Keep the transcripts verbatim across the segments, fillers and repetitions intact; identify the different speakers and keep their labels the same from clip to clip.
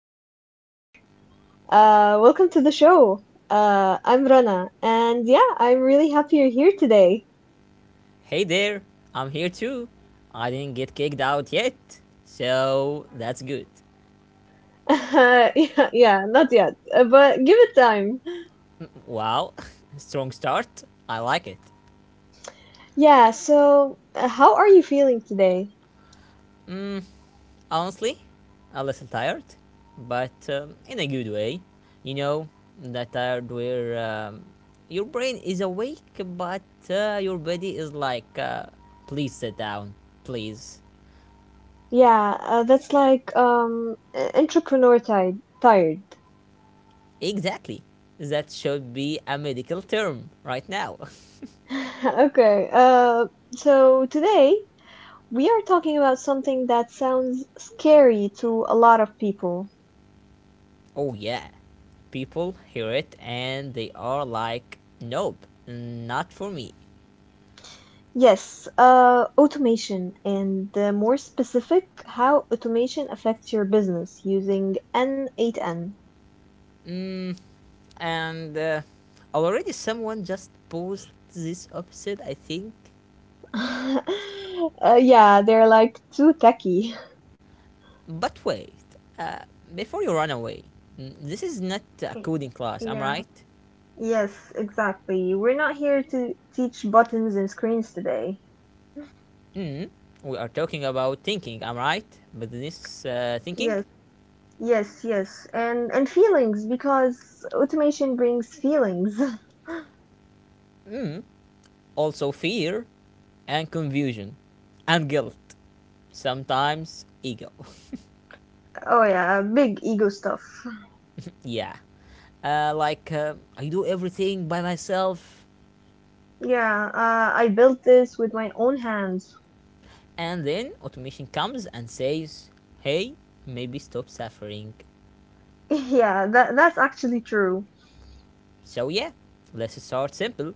Speaker 1: Welcome back. Uh welcome to the show. Uh I'm Rana and yeah, I'm really happy you're here today.
Speaker 2: Hey there, I'm here too. I didn't get kicked out yet, so that's good.
Speaker 1: Uh, yeah, yeah, not yet, uh, but give it time.
Speaker 2: Wow, strong start. I like it.
Speaker 1: Yeah, so uh, how are you feeling today?
Speaker 2: Honestly, a little tired, but um, in a good way. You know, that tired where um, your brain is awake, but uh, your body is like, uh, please sit down, please.
Speaker 1: Yeah, uh, that's like um uh, entrepreneur tired, tired.
Speaker 2: Exactly. That should be a medical term right now.
Speaker 1: Okay. Uh so today we are talking about something that sounds scary to a lot of people.
Speaker 2: Oh yeah. People hear it and they are like, nope, not for me.
Speaker 1: Yes, uh, automation, and uh, more specific, how automation affects your business using N eight N.
Speaker 2: Mm, and uh, already someone just posed this opposite, I think.
Speaker 1: Uh, yeah, they're like too techy.
Speaker 2: But wait, uh, before you run away, mm, this is not a
Speaker 1: Y-
Speaker 2: coding class, am I
Speaker 1: Yeah.
Speaker 2: right?
Speaker 1: Yes, exactly. We're not here to teach buttons and screens today.
Speaker 2: Mm, we are talking about thinking, am I right? But this uh, thinking,
Speaker 1: Yes, yes, yes. And and feelings because automation brings feelings.
Speaker 2: mm, also fear and confusion and guilt, sometimes ego.
Speaker 1: Oh yeah, big ego stuff.
Speaker 2: Yeah, uh, like uh, I do everything by myself,
Speaker 1: Yeah, uh, I built this with my own hands.
Speaker 2: and then automation comes and says, "Hey, maybe stop suffering."
Speaker 1: Yeah, that that's actually true.
Speaker 2: So yeah, let's start simple.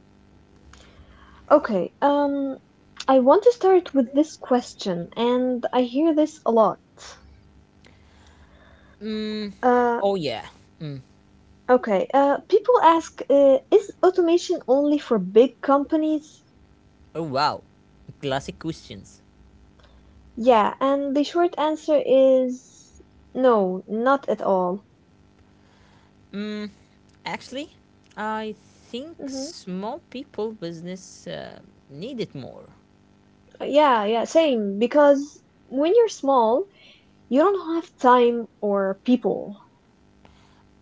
Speaker 1: Okay, um, I want to start with this question, and I hear this a lot.
Speaker 2: Mm,
Speaker 1: Uh,
Speaker 2: oh yeah. Mm,
Speaker 1: okay, uh, people ask, uh, is automation only for big companies?
Speaker 2: oh wow. Classic questions.
Speaker 1: Yeah, and the short answer is no, not at all.
Speaker 2: Mm, actually, I think
Speaker 1: Hmm
Speaker 2: small people business uh, need more,
Speaker 1: Yeah, yeah, same, because when you're small, you don't have time or people.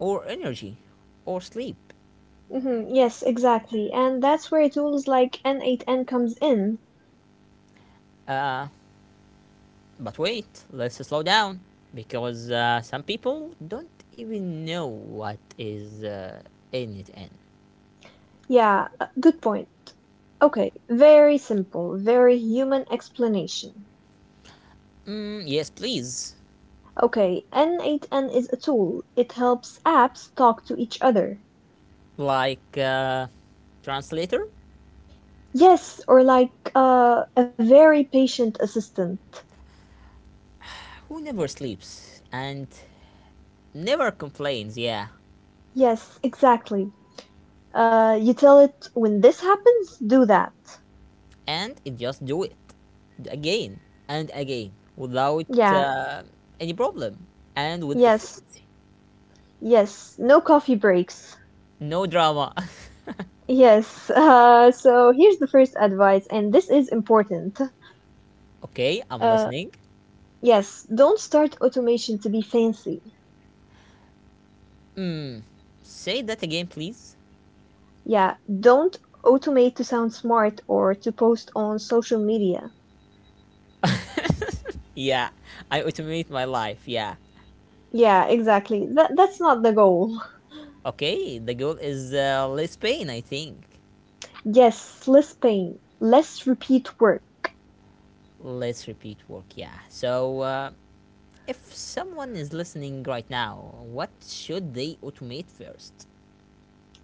Speaker 2: or energy, or sleep.
Speaker 1: Hmm Yes, exactly, and that's where tools like N eight N comes in.
Speaker 2: Uh, But wait, let's slow down because uh, some people don't even know what is uh, in it. In
Speaker 1: Yeah, uh, good point. Okay, very simple, very human explanation.
Speaker 2: mm, yes, please,
Speaker 1: Okay, N eight N is a tool. It helps apps talk to each other.
Speaker 2: like uh, translator
Speaker 1: Yes, or like uh, a very patient assistant.
Speaker 2: who never sleeps and never complains. Yeah,
Speaker 1: Yes, exactly. Uh, you tell it when this happens, do that.
Speaker 2: and it just do it again and again without
Speaker 1: Yeah,
Speaker 2: uh, any problem and with
Speaker 1: yes,
Speaker 2: efficiency.
Speaker 1: yes, no coffee breaks.
Speaker 2: No drama.
Speaker 1: Yes, uh, so here's the first advice, and this is important.
Speaker 2: Okay, I'm
Speaker 1: Uh,
Speaker 2: listening.
Speaker 1: Yes, don't start automation to be fancy.
Speaker 2: Mm, say that again, please.
Speaker 1: Yeah, don't automate to sound smart or to post on social media.
Speaker 2: Yeah, I automate my life. Yeah.
Speaker 1: Yeah, exactly. That that's not the goal.
Speaker 2: Okay, the goal is uh, less pain, I think.
Speaker 1: Yes, less pain, less repeat work.
Speaker 2: Less repeat work. Yeah. So, uh, if someone is listening right now, what should they automate first?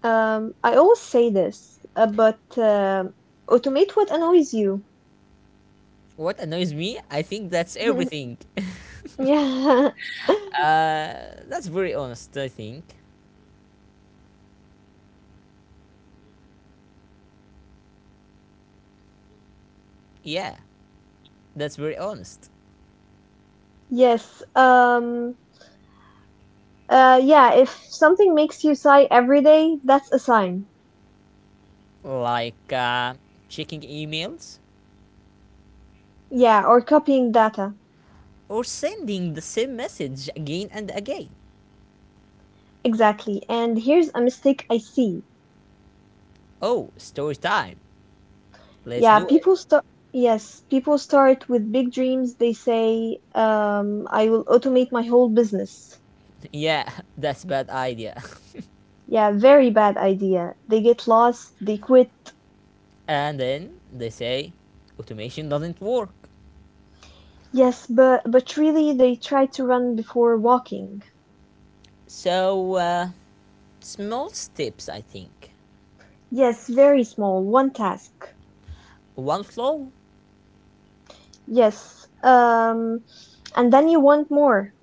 Speaker 1: Um, I always say this, uh, but uh, automate what annoys you.
Speaker 2: What annoys me? I think that's everything.
Speaker 1: Yeah.
Speaker 2: That's very honest, I think. Yeah, that's very honest.
Speaker 3: Yes. Um, uh, yeah, if something makes you sigh every day, that's a sign.
Speaker 2: Like uh, checking emails
Speaker 3: Yeah, or copying data.
Speaker 2: or sending the same message again and again.
Speaker 3: Exactly. And here's a mistake I see.
Speaker 2: Oh, story time. Let's
Speaker 3: Yeah,
Speaker 2: do it.
Speaker 3: people start. Yes, people start with big dreams. They say, um, I will automate my whole business.
Speaker 2: Yeah, that's bad idea.
Speaker 3: Yeah, very bad idea. They get lost, they quit.
Speaker 2: And then they say automation doesn't work.
Speaker 3: Yes, but but really they try to run before walking.
Speaker 2: So, uh, small steps, I think.
Speaker 3: Yes, very small, one task.
Speaker 2: One flow?
Speaker 3: Yes. Um, and then you want more.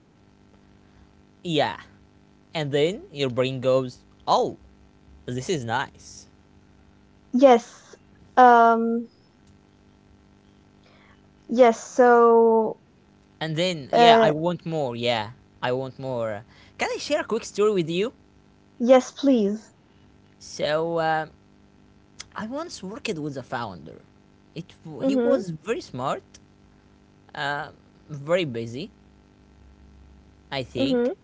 Speaker 2: Yeah. And then your brain goes, oh, this is nice.
Speaker 3: Yes. Um yes, so
Speaker 2: And then, yeah, I
Speaker 3: uh
Speaker 2: want more. Yeah, I want more. Can I share a quick story with you?
Speaker 3: yes, please.
Speaker 2: So, uh, I once worked with a founder. It, he
Speaker 3: Mhm.
Speaker 2: was very smart, uh, very busy, I think.
Speaker 3: Mhm.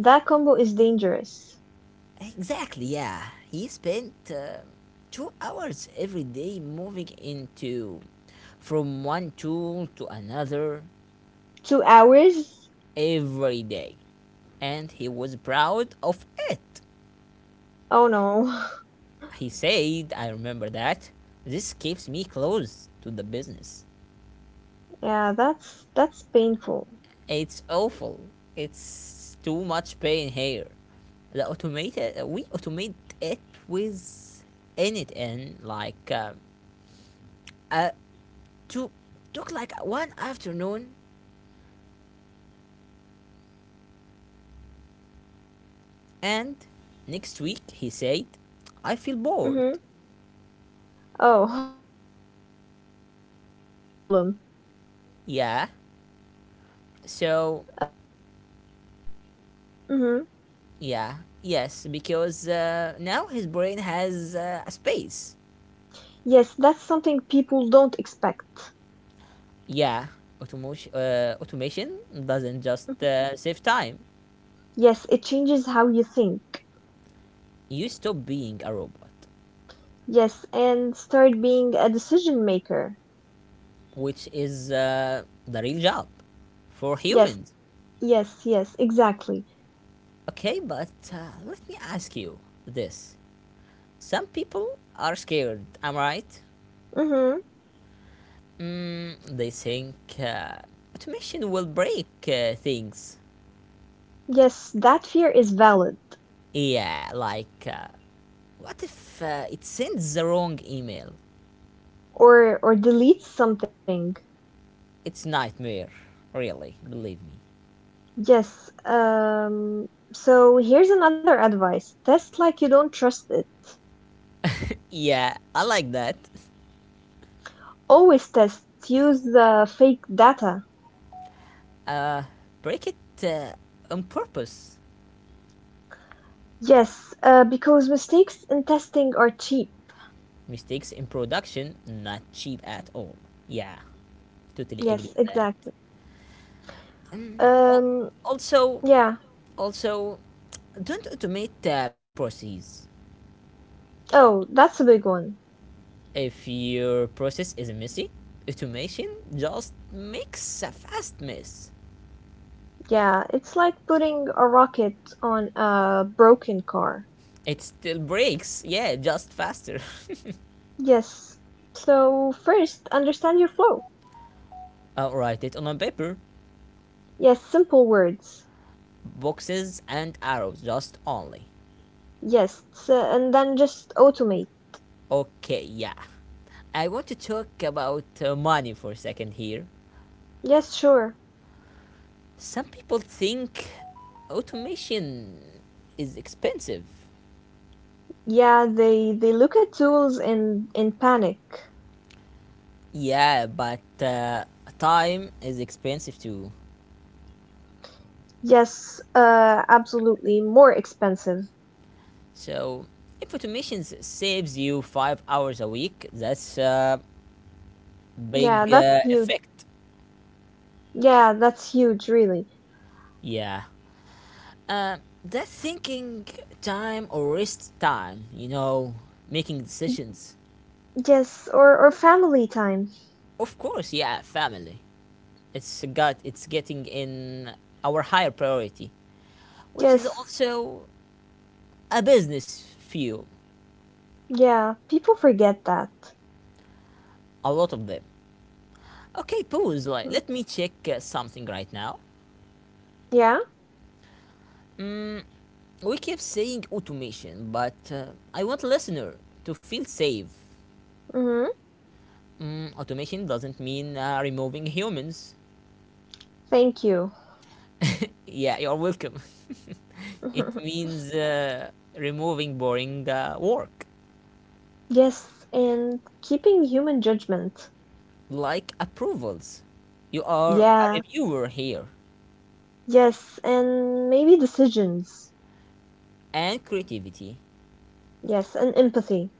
Speaker 3: That combo is dangerous.
Speaker 2: Exactly, yeah. He spent uh, two hours every day moving into from one tool to another
Speaker 3: 2 hours?
Speaker 2: every day. And he was proud of it.
Speaker 3: Oh no.
Speaker 2: He said, I remember that. This keeps me close to the business.
Speaker 3: Yeah, that's that's painful.
Speaker 2: It's awful. It's too much pain here. The automated, we automate it with anything like um, a to took like one afternoon
Speaker 3: Yeah, and
Speaker 2: and next week he said I feel
Speaker 3: mhm.
Speaker 2: bored,
Speaker 3: Oh, wow, that's uh, that's a good problem.
Speaker 2: yeah. So
Speaker 3: Uh mhm.
Speaker 2: yeah, yes, because uh, now his brain has uh, a space.
Speaker 3: Yes, that's something people don't expect.
Speaker 2: Yeah, automation, uh, automation doesn't just uh, save time.
Speaker 3: Yes, it changes how you think.
Speaker 2: You stop being a robot,
Speaker 3: Yes, and start being a decision maker.
Speaker 2: which is uh, the real job for
Speaker 3: Yes,
Speaker 2: humans.
Speaker 3: yes, yes, exactly.
Speaker 2: Okay, but uh, let me ask you this, some people are scared, am I right?
Speaker 3: Mm-hmm.
Speaker 2: Mm, they think uh, automation will break uh, things.
Speaker 3: Yes, that fear is valid,
Speaker 2: Yeah, like uh, what if uh, it sends the wrong email?
Speaker 3: or or deletes something.
Speaker 2: It's nightmare, really. Believe me.
Speaker 3: Yes. Um, so here's another advice. Test like you don't trust it.
Speaker 2: Yeah, I like that.
Speaker 3: Always test. Use the fake data.
Speaker 2: Break it uh, on purpose.
Speaker 3: Yes, uh, because mistakes in testing are cheap.
Speaker 2: Mistakes in production not cheap at all. Yeah, totally agree
Speaker 3: Yes,
Speaker 2: with that.
Speaker 3: exactly.
Speaker 2: Al-
Speaker 3: Um,
Speaker 2: Also,
Speaker 3: yeah.
Speaker 2: also, don't automate uh, bad processes.
Speaker 3: Oh, that's a big one.
Speaker 2: If your process is messy, automation just makes a fast mess.
Speaker 3: Yeah, it's like putting a rocket on a broken car.
Speaker 2: It still breaks, yeah, just faster.
Speaker 3: Yes. So first, understand your flow.
Speaker 2: Uh, write it on a paper,
Speaker 3: Yes, simple words.
Speaker 2: boxes and arrows, just only.
Speaker 3: Yes, s- and then just automate.
Speaker 2: Okay, yeah. I want to talk about uh, money for a second here.
Speaker 3: Yes, sure.
Speaker 2: Some people think automation is expensive.
Speaker 3: Yeah, they they look at tools in in panic.
Speaker 2: Yeah, but uh, time is expensive too.
Speaker 3: Yes, uh, absolutely. More expensive.
Speaker 2: So if automations saves you five hours a week, that's a
Speaker 3: Yeah,
Speaker 2: big
Speaker 3: that's
Speaker 2: uh,
Speaker 3: huge.
Speaker 2: effect.
Speaker 3: Yeah, that's huge, really.
Speaker 2: Yeah. Uh, that thinking time or rest time, you know, making decisions.
Speaker 3: Yes, or or family time.
Speaker 2: Of course, yeah, family. It's got it's getting in our higher priority, which is
Speaker 3: Yes.
Speaker 2: also a business fuel.
Speaker 3: Yeah, people forget that.
Speaker 2: A lot of them. Okay, pause.
Speaker 3: Mhm.
Speaker 2: Like, let me check uh, something right now.
Speaker 3: Yeah.
Speaker 2: We keep saying automation, but uh, I want listener to feel safe.
Speaker 3: Mm-hmm.
Speaker 2: Mm, automation doesn't mean uh, removing humans.
Speaker 3: Thank you.
Speaker 2: Yeah, you're welcome. It means uh, removing boring uh, work
Speaker 3: Yes, and keeping human judgment.
Speaker 2: like approvals. You are a
Speaker 3: Yeah,
Speaker 2: reviewer here,
Speaker 3: yes, and maybe decisions.
Speaker 2: and creativity,
Speaker 3: Yes, and empathy.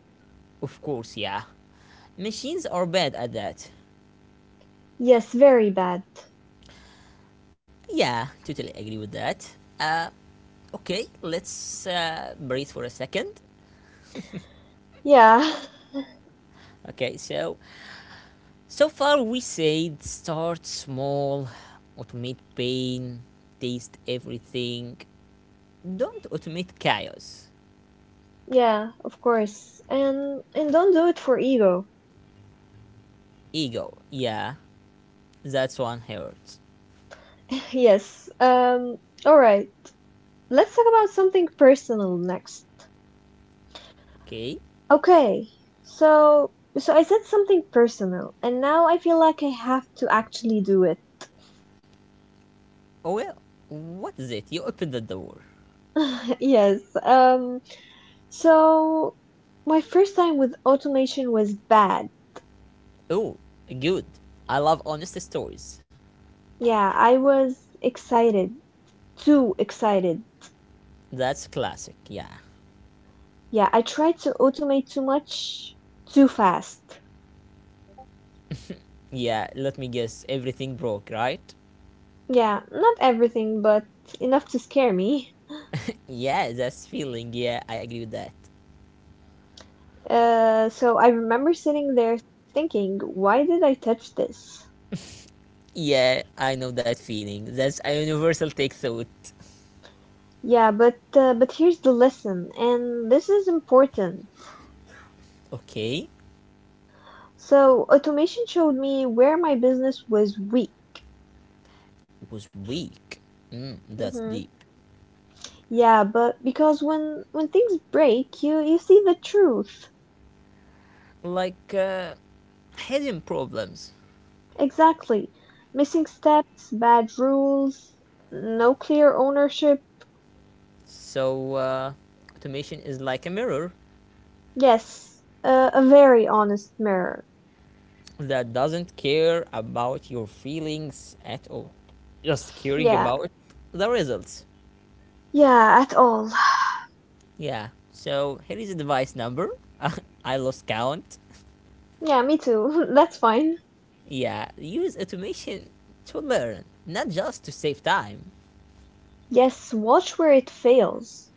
Speaker 2: of course. Yeah, machines are bad at that.
Speaker 3: Yes, very bad.
Speaker 2: Yeah, totally agree with that. Uh, okay, let's uh, breathe for a second.
Speaker 3: Yeah,
Speaker 2: Okay, so So far, we said start small, automate pain, taste everything. Don't automate chaos.
Speaker 3: yeah, of course. And and don't do it for ego.
Speaker 2: Ego, yeah, that's one hurts.
Speaker 3: Yes. Um, all right. Let's talk about something personal next.
Speaker 2: Okay?
Speaker 3: Okay. So so I said something personal, and now I feel like I have to actually do it.
Speaker 2: Oh well, what is it? You open the door.
Speaker 3: Yes. Um, so my first time with automation was bad.
Speaker 2: Oh, good. I love honest stories.
Speaker 3: Yeah, I was excited. Too excited.
Speaker 2: That's classic, yeah.
Speaker 3: Yeah, I try to automate too much, too fast.
Speaker 2: Yeah, let me guess, everything broke, right?
Speaker 3: Yeah, not everything, but enough to scare me.
Speaker 2: Yeah, that's feeling, yeah, I agree with that.
Speaker 3: Uh, so I remember sitting there thinking, why did I touch this?
Speaker 2: Yeah, I know that feeling. That's a universal take thought.
Speaker 3: Yeah, but uh, but here's the lesson, and this is important.
Speaker 2: Okay?
Speaker 3: So automation showed me where my business was weak.
Speaker 2: Was weak. Mm, that's
Speaker 3: Hmm.
Speaker 2: deep.
Speaker 3: Yeah, but because when when things break, you you see the truth.
Speaker 2: Like uh, hidden problems.
Speaker 3: Exactly. Missing steps, bad rules, no clear ownership.
Speaker 2: So, uh, automation is like a mirror
Speaker 3: Yes, uh, a very honest mirror.
Speaker 2: that doesn't care about your feelings at all, just caring
Speaker 3: Yeah,
Speaker 2: about the results.
Speaker 3: yeah, at all.
Speaker 2: Yeah. So, here is a device number. I lost count.
Speaker 3: Yeah, me too. That's fine.
Speaker 2: Yeah. Use automation to learn, not just to save time.
Speaker 3: Yes, watch where it fails.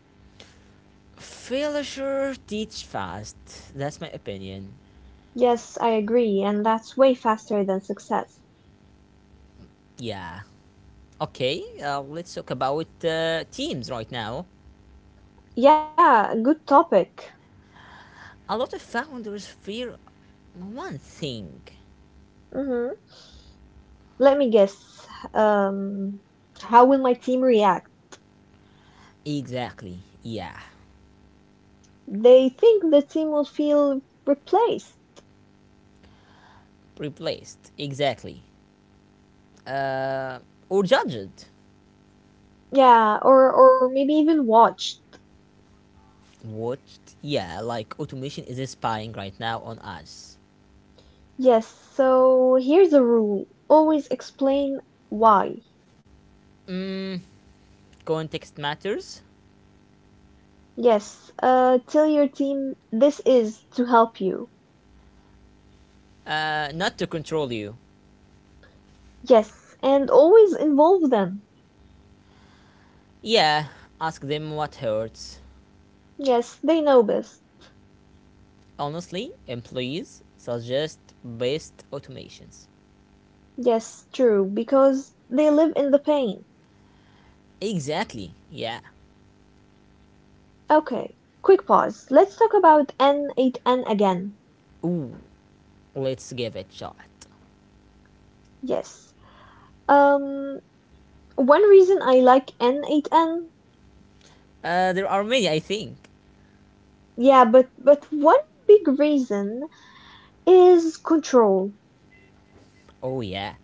Speaker 2: Failure teach fast. That's my opinion.
Speaker 3: Yes, I agree, and that's way faster than success.
Speaker 2: Yeah. Okay, uh, let's talk about uh, teams right now.
Speaker 3: Yeah, good topic.
Speaker 2: A lot of founders fear one thing.
Speaker 3: Hmm. Let me guess. Um, how will my team react?
Speaker 2: Exactly, yeah.
Speaker 3: They think the team will feel replaced.
Speaker 2: Replaced, exactly. Uh, or judged.
Speaker 3: Yeah, or or maybe even watched.
Speaker 2: Watched, yeah, like automation is spying right now on us.
Speaker 3: Yes, so here's a rule. Always explain why.
Speaker 2: Context matters.
Speaker 3: Yes, uh, tell your team this is to help you.
Speaker 2: Uh, not to control you.
Speaker 3: Yes, and always involve them.
Speaker 2: Yeah, ask them what hurts.
Speaker 3: Yes, they know best.
Speaker 2: Honestly, employees suggest best automations.
Speaker 3: Yes, true, because they live in the pain.
Speaker 2: Exactly, yeah.
Speaker 3: Okay, quick pause. Let's talk about N eight N again.
Speaker 2: Ooh, let's give it a shot.
Speaker 3: Yes. Um, One reason I like N eight N,
Speaker 2: Uh, there are many, I think.
Speaker 3: yeah, but but one big reason is control.
Speaker 2: Oh, yeah.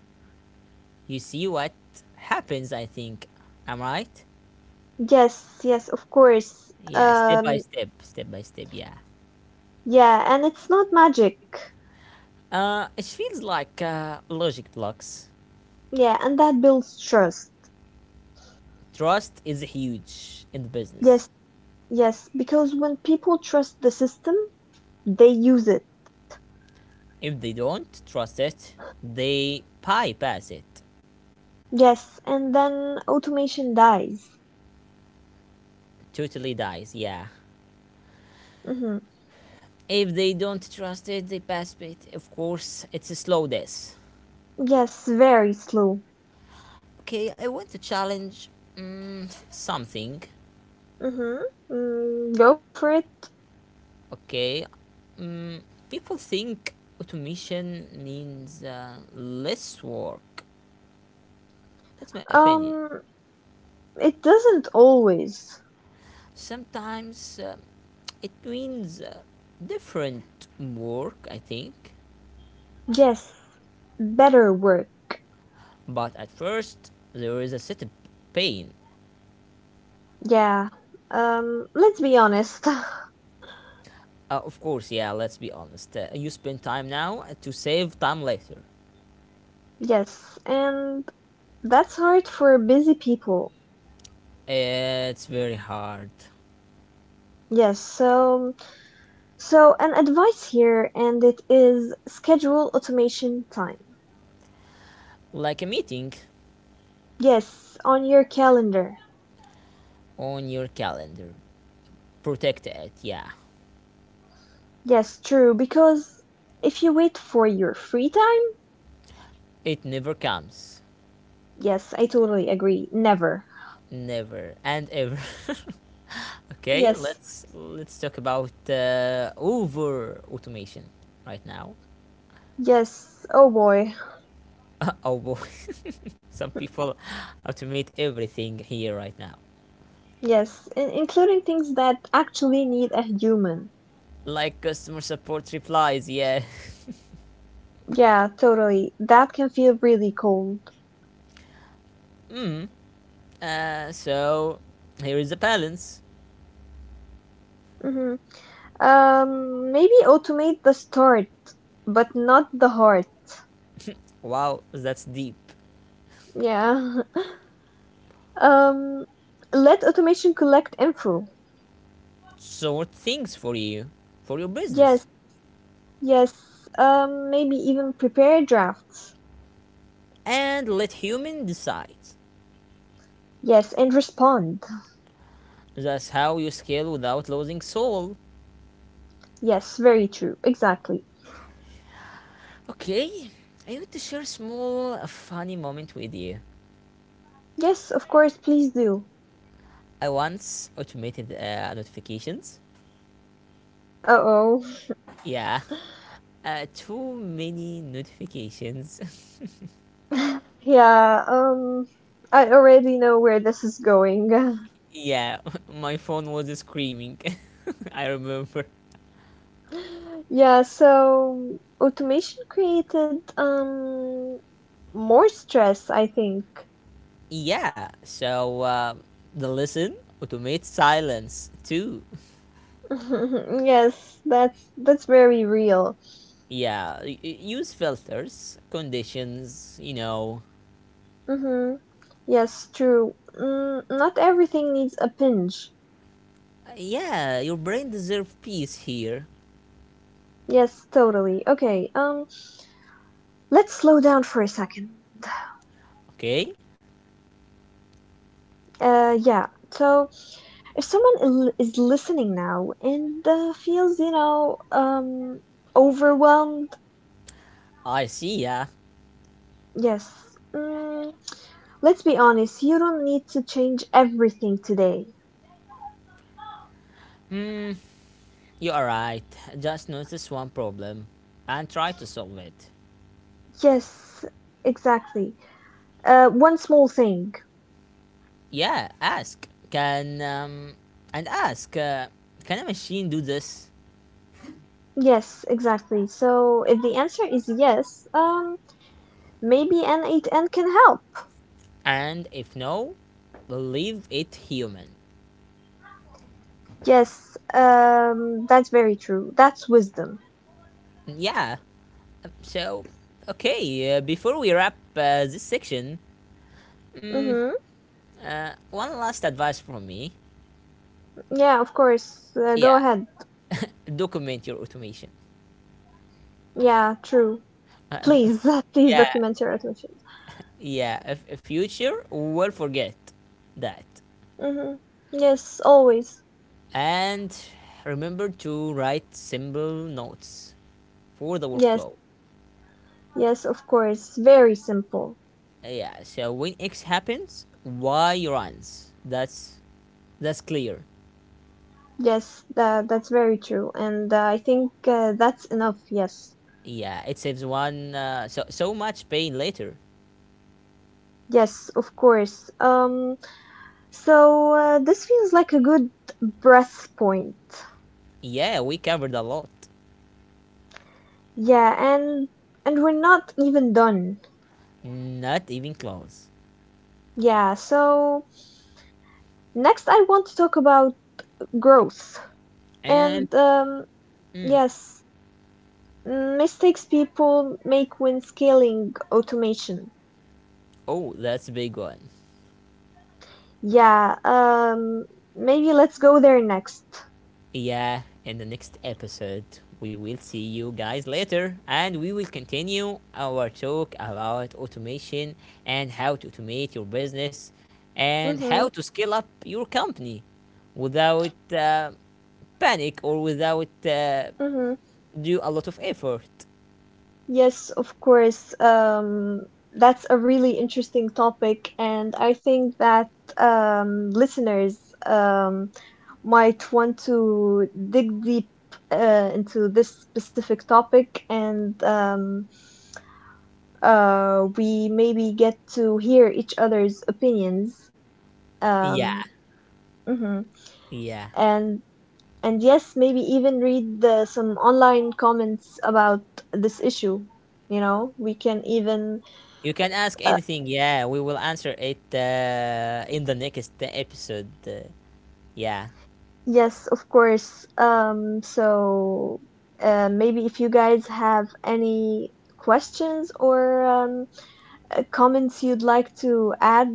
Speaker 2: You see what happens, I think. Am I right?
Speaker 3: Yes, yes, of course.
Speaker 2: Yeah, step by
Speaker 3: Um,
Speaker 2: step, step by step, yeah.
Speaker 3: yeah, and it's not magic.
Speaker 2: Uh, it feels like uh, logic blocks.
Speaker 3: Yeah, and that builds trust.
Speaker 2: Trust is huge in the
Speaker 3: Yes,
Speaker 2: business.
Speaker 3: yes, because when people trust the system, they use it.
Speaker 2: If they don't trust it, they bypass it.
Speaker 3: Yes, and then automation dies.
Speaker 2: Totally dies, yeah.
Speaker 3: Mm-hmm.
Speaker 2: If they don't trust it, they pass it. Of course, it's a slow death.
Speaker 3: Yes, very slow.
Speaker 2: Okay, I want to challenge mm, something.
Speaker 3: Mm-hmm. Mm, go for it.
Speaker 2: Okay, people think automation means uh, less work. That's my opinion.
Speaker 3: Um, it doesn't always.
Speaker 2: Sometimes uh, it means uh, different work, I think.
Speaker 3: Yes, better work.
Speaker 2: But at first, there is a setup pain.
Speaker 3: Yeah. Um, let's be honest.
Speaker 2: Uh, of course, yeah, let's be honest. Uh, you spend time now to save time later.
Speaker 3: Yes, and that's hard for busy people.
Speaker 2: It's very hard.
Speaker 3: Yes, so so an advice here and it is schedule automation time.
Speaker 2: Like a meeting
Speaker 3: Yes, on your calendar.
Speaker 2: on your calendar. Protect it, yeah.
Speaker 3: Yes, true, because if you wait for your free time,
Speaker 2: It never comes.
Speaker 3: yes, I totally agree. Never.
Speaker 2: Never and ever. Okay,
Speaker 3: Yes.
Speaker 2: let's let's talk about uh, over automation right now.
Speaker 3: Yes. Oh boy.
Speaker 2: Oh boy, some people automate everything here right now,
Speaker 3: Yes, in including things that actually need a human.
Speaker 2: like customer support replies. Yeah.
Speaker 3: Yeah, totally. That can feel really cold.
Speaker 2: Hmm. Uh, so here is the balance.
Speaker 3: Mhm. Um, maybe automate the start, but not the heart.
Speaker 2: Wow, that's deep.
Speaker 3: Yeah. Um, Let automation collect info.
Speaker 2: Sort things for you, for your business,
Speaker 3: Yes, yes. Um, maybe even prepare drafts.
Speaker 2: and let human decide.
Speaker 3: Yes, and respond.
Speaker 2: That's how you scale without losing soul.
Speaker 3: Yes, very true. Exactly.
Speaker 2: Okay, I want to share a small, uh, funny moment with you.
Speaker 3: Yes, of course, please do.
Speaker 2: I once automated uh, notifications.
Speaker 3: Uh-oh.
Speaker 2: Yeah, uh, too many notifications.
Speaker 3: Yeah, um, I already know where this is going.
Speaker 2: yeah, my phone was screaming. I remember.
Speaker 3: Yeah, so automation created um more stress, I think.
Speaker 2: Yeah, so uh, the listen automate silence too.
Speaker 3: Yes, that's that's very real.
Speaker 2: Yeah, y- y- use filters, conditions. You know.
Speaker 3: Mm-hmm. Yes, true. Mm, not everything needs a pinch.
Speaker 2: Yeah, your brain deserves peace here.
Speaker 3: Yes, totally. Okay. Um, let's slow down for a second.
Speaker 2: Okay,
Speaker 3: Uh, yeah. So, if someone il- is listening now and uh, feels, you know, um, overwhelmed,
Speaker 2: I see. Yeah,
Speaker 3: yes. Mm, let's be honest. You don't need to change everything today.
Speaker 2: you are right. Just notice one problem and try to solve it.
Speaker 3: Yes, exactly. Uh, one small thing.
Speaker 2: Yeah, ask. Can um, and ask. Uh, can a machine do this?
Speaker 3: Yes, exactly. So if the answer is yes, um, maybe N eight N can help.
Speaker 2: And if no, leave it human.
Speaker 3: Yes, um, that's very true. That's wisdom.
Speaker 2: Yeah. So, okay. Uh, before we wrap uh, this section,
Speaker 3: Mm-hmm.
Speaker 2: uh, one last advice from me.
Speaker 3: Yeah, of course. Uh, go
Speaker 2: Yeah.
Speaker 3: ahead.
Speaker 2: Document your automation.
Speaker 3: Yeah, true.
Speaker 2: Uh, f-
Speaker 3: Please, please
Speaker 2: yeah.
Speaker 3: document your admissions.
Speaker 2: Yeah. If, if future will forget that.
Speaker 3: Mm-hmm. Yes, always.
Speaker 2: And remember to write simple notes for the
Speaker 3: Yes,
Speaker 2: workflow.
Speaker 3: yes, of course. Very simple.
Speaker 2: Yeah, so when X happens, Y runs. That's that's clear.
Speaker 3: Yes, that that's very true. And uh, I think uh, that's enough. Yes,
Speaker 2: Yeah, it saves one uh, so so much pain later.
Speaker 3: yes, of course. Um, So uh, this feels like a good breath point.
Speaker 2: Yeah, we covered a lot.
Speaker 3: Yeah, and and we're not even done.
Speaker 2: Not even close.
Speaker 3: Yeah, so next I want to talk about growth. And
Speaker 2: And
Speaker 3: um
Speaker 2: mm,
Speaker 3: yes, mistakes people make when scaling automation.
Speaker 2: oh, that's a big one.
Speaker 3: Yeah, um maybe let's go there next.
Speaker 2: Yeah, in the next episode, we will see you guys later and we will continue our talk about automation and how to automate your business and how
Speaker 3: Mhm.
Speaker 2: to scale up your company without uh, panic or without uh,
Speaker 3: Mhm.
Speaker 2: do a lot of effort.
Speaker 3: Yes, of course. Um, that's a really interesting topic, and I think that um, listeners um, might want to dig deep uh, into this specific topic, and um, uh, we maybe get to hear each other's opinions.
Speaker 2: Yeah,
Speaker 3: Um, mhm.
Speaker 2: yeah.
Speaker 3: And and yes, maybe even read the, some online comments about this issue. You know, we can even...
Speaker 2: You can ask anything. Yeah, we will answer it uh, in the next episode. Uh, yeah,
Speaker 3: Yes, of course. Um, so uh, maybe if you guys have any questions or um, uh, comments you'd like to add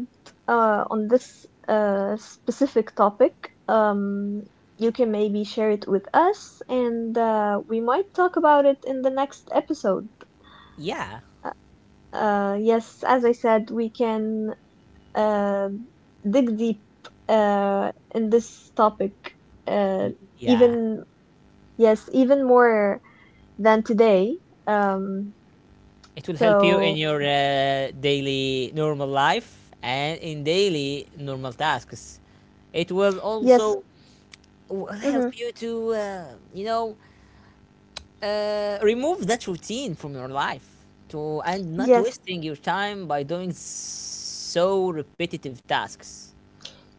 Speaker 3: uh, on this uh, specific topic, um, you can maybe share it with us and uh, we might talk about it in the next episode.
Speaker 2: yeah,
Speaker 3: Uh, uh, yes, as I said, we can uh, dig deep uh, in this topic. Uh,
Speaker 2: y- yeah.
Speaker 3: Even... Yes, even more than today. Um,
Speaker 2: It will help you in
Speaker 3: so
Speaker 2: your uh, daily normal life and in daily normal tasks. It will
Speaker 3: yes,
Speaker 2: also will
Speaker 3: hmm
Speaker 2: help you to uh, you know uh, remove that routine from your life to and not
Speaker 3: yes,
Speaker 2: wasting your time by doing so repetitive tasks.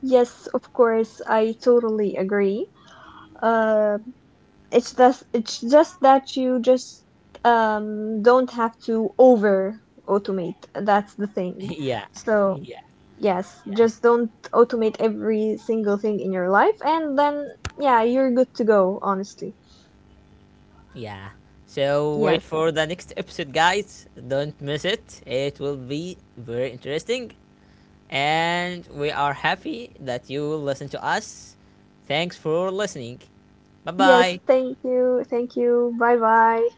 Speaker 3: yes, of course, I totally agree. Uh, it's just it's just that you just um don't have to over automate. That's the thing.
Speaker 2: Yeah,
Speaker 3: So
Speaker 2: yeah,
Speaker 3: yes,
Speaker 2: yeah,
Speaker 3: just don't automate every single thing in your life, and then yeah, you're good to go, honestly.
Speaker 2: yeah. So
Speaker 3: Yes.
Speaker 2: wait for the next episode, guys, don't miss it, it will be very interesting, and we are happy that you will listen to us. Thanks for listening. Bye
Speaker 3: Yes,
Speaker 2: bye.
Speaker 3: thank you. Thank you. Bye bye.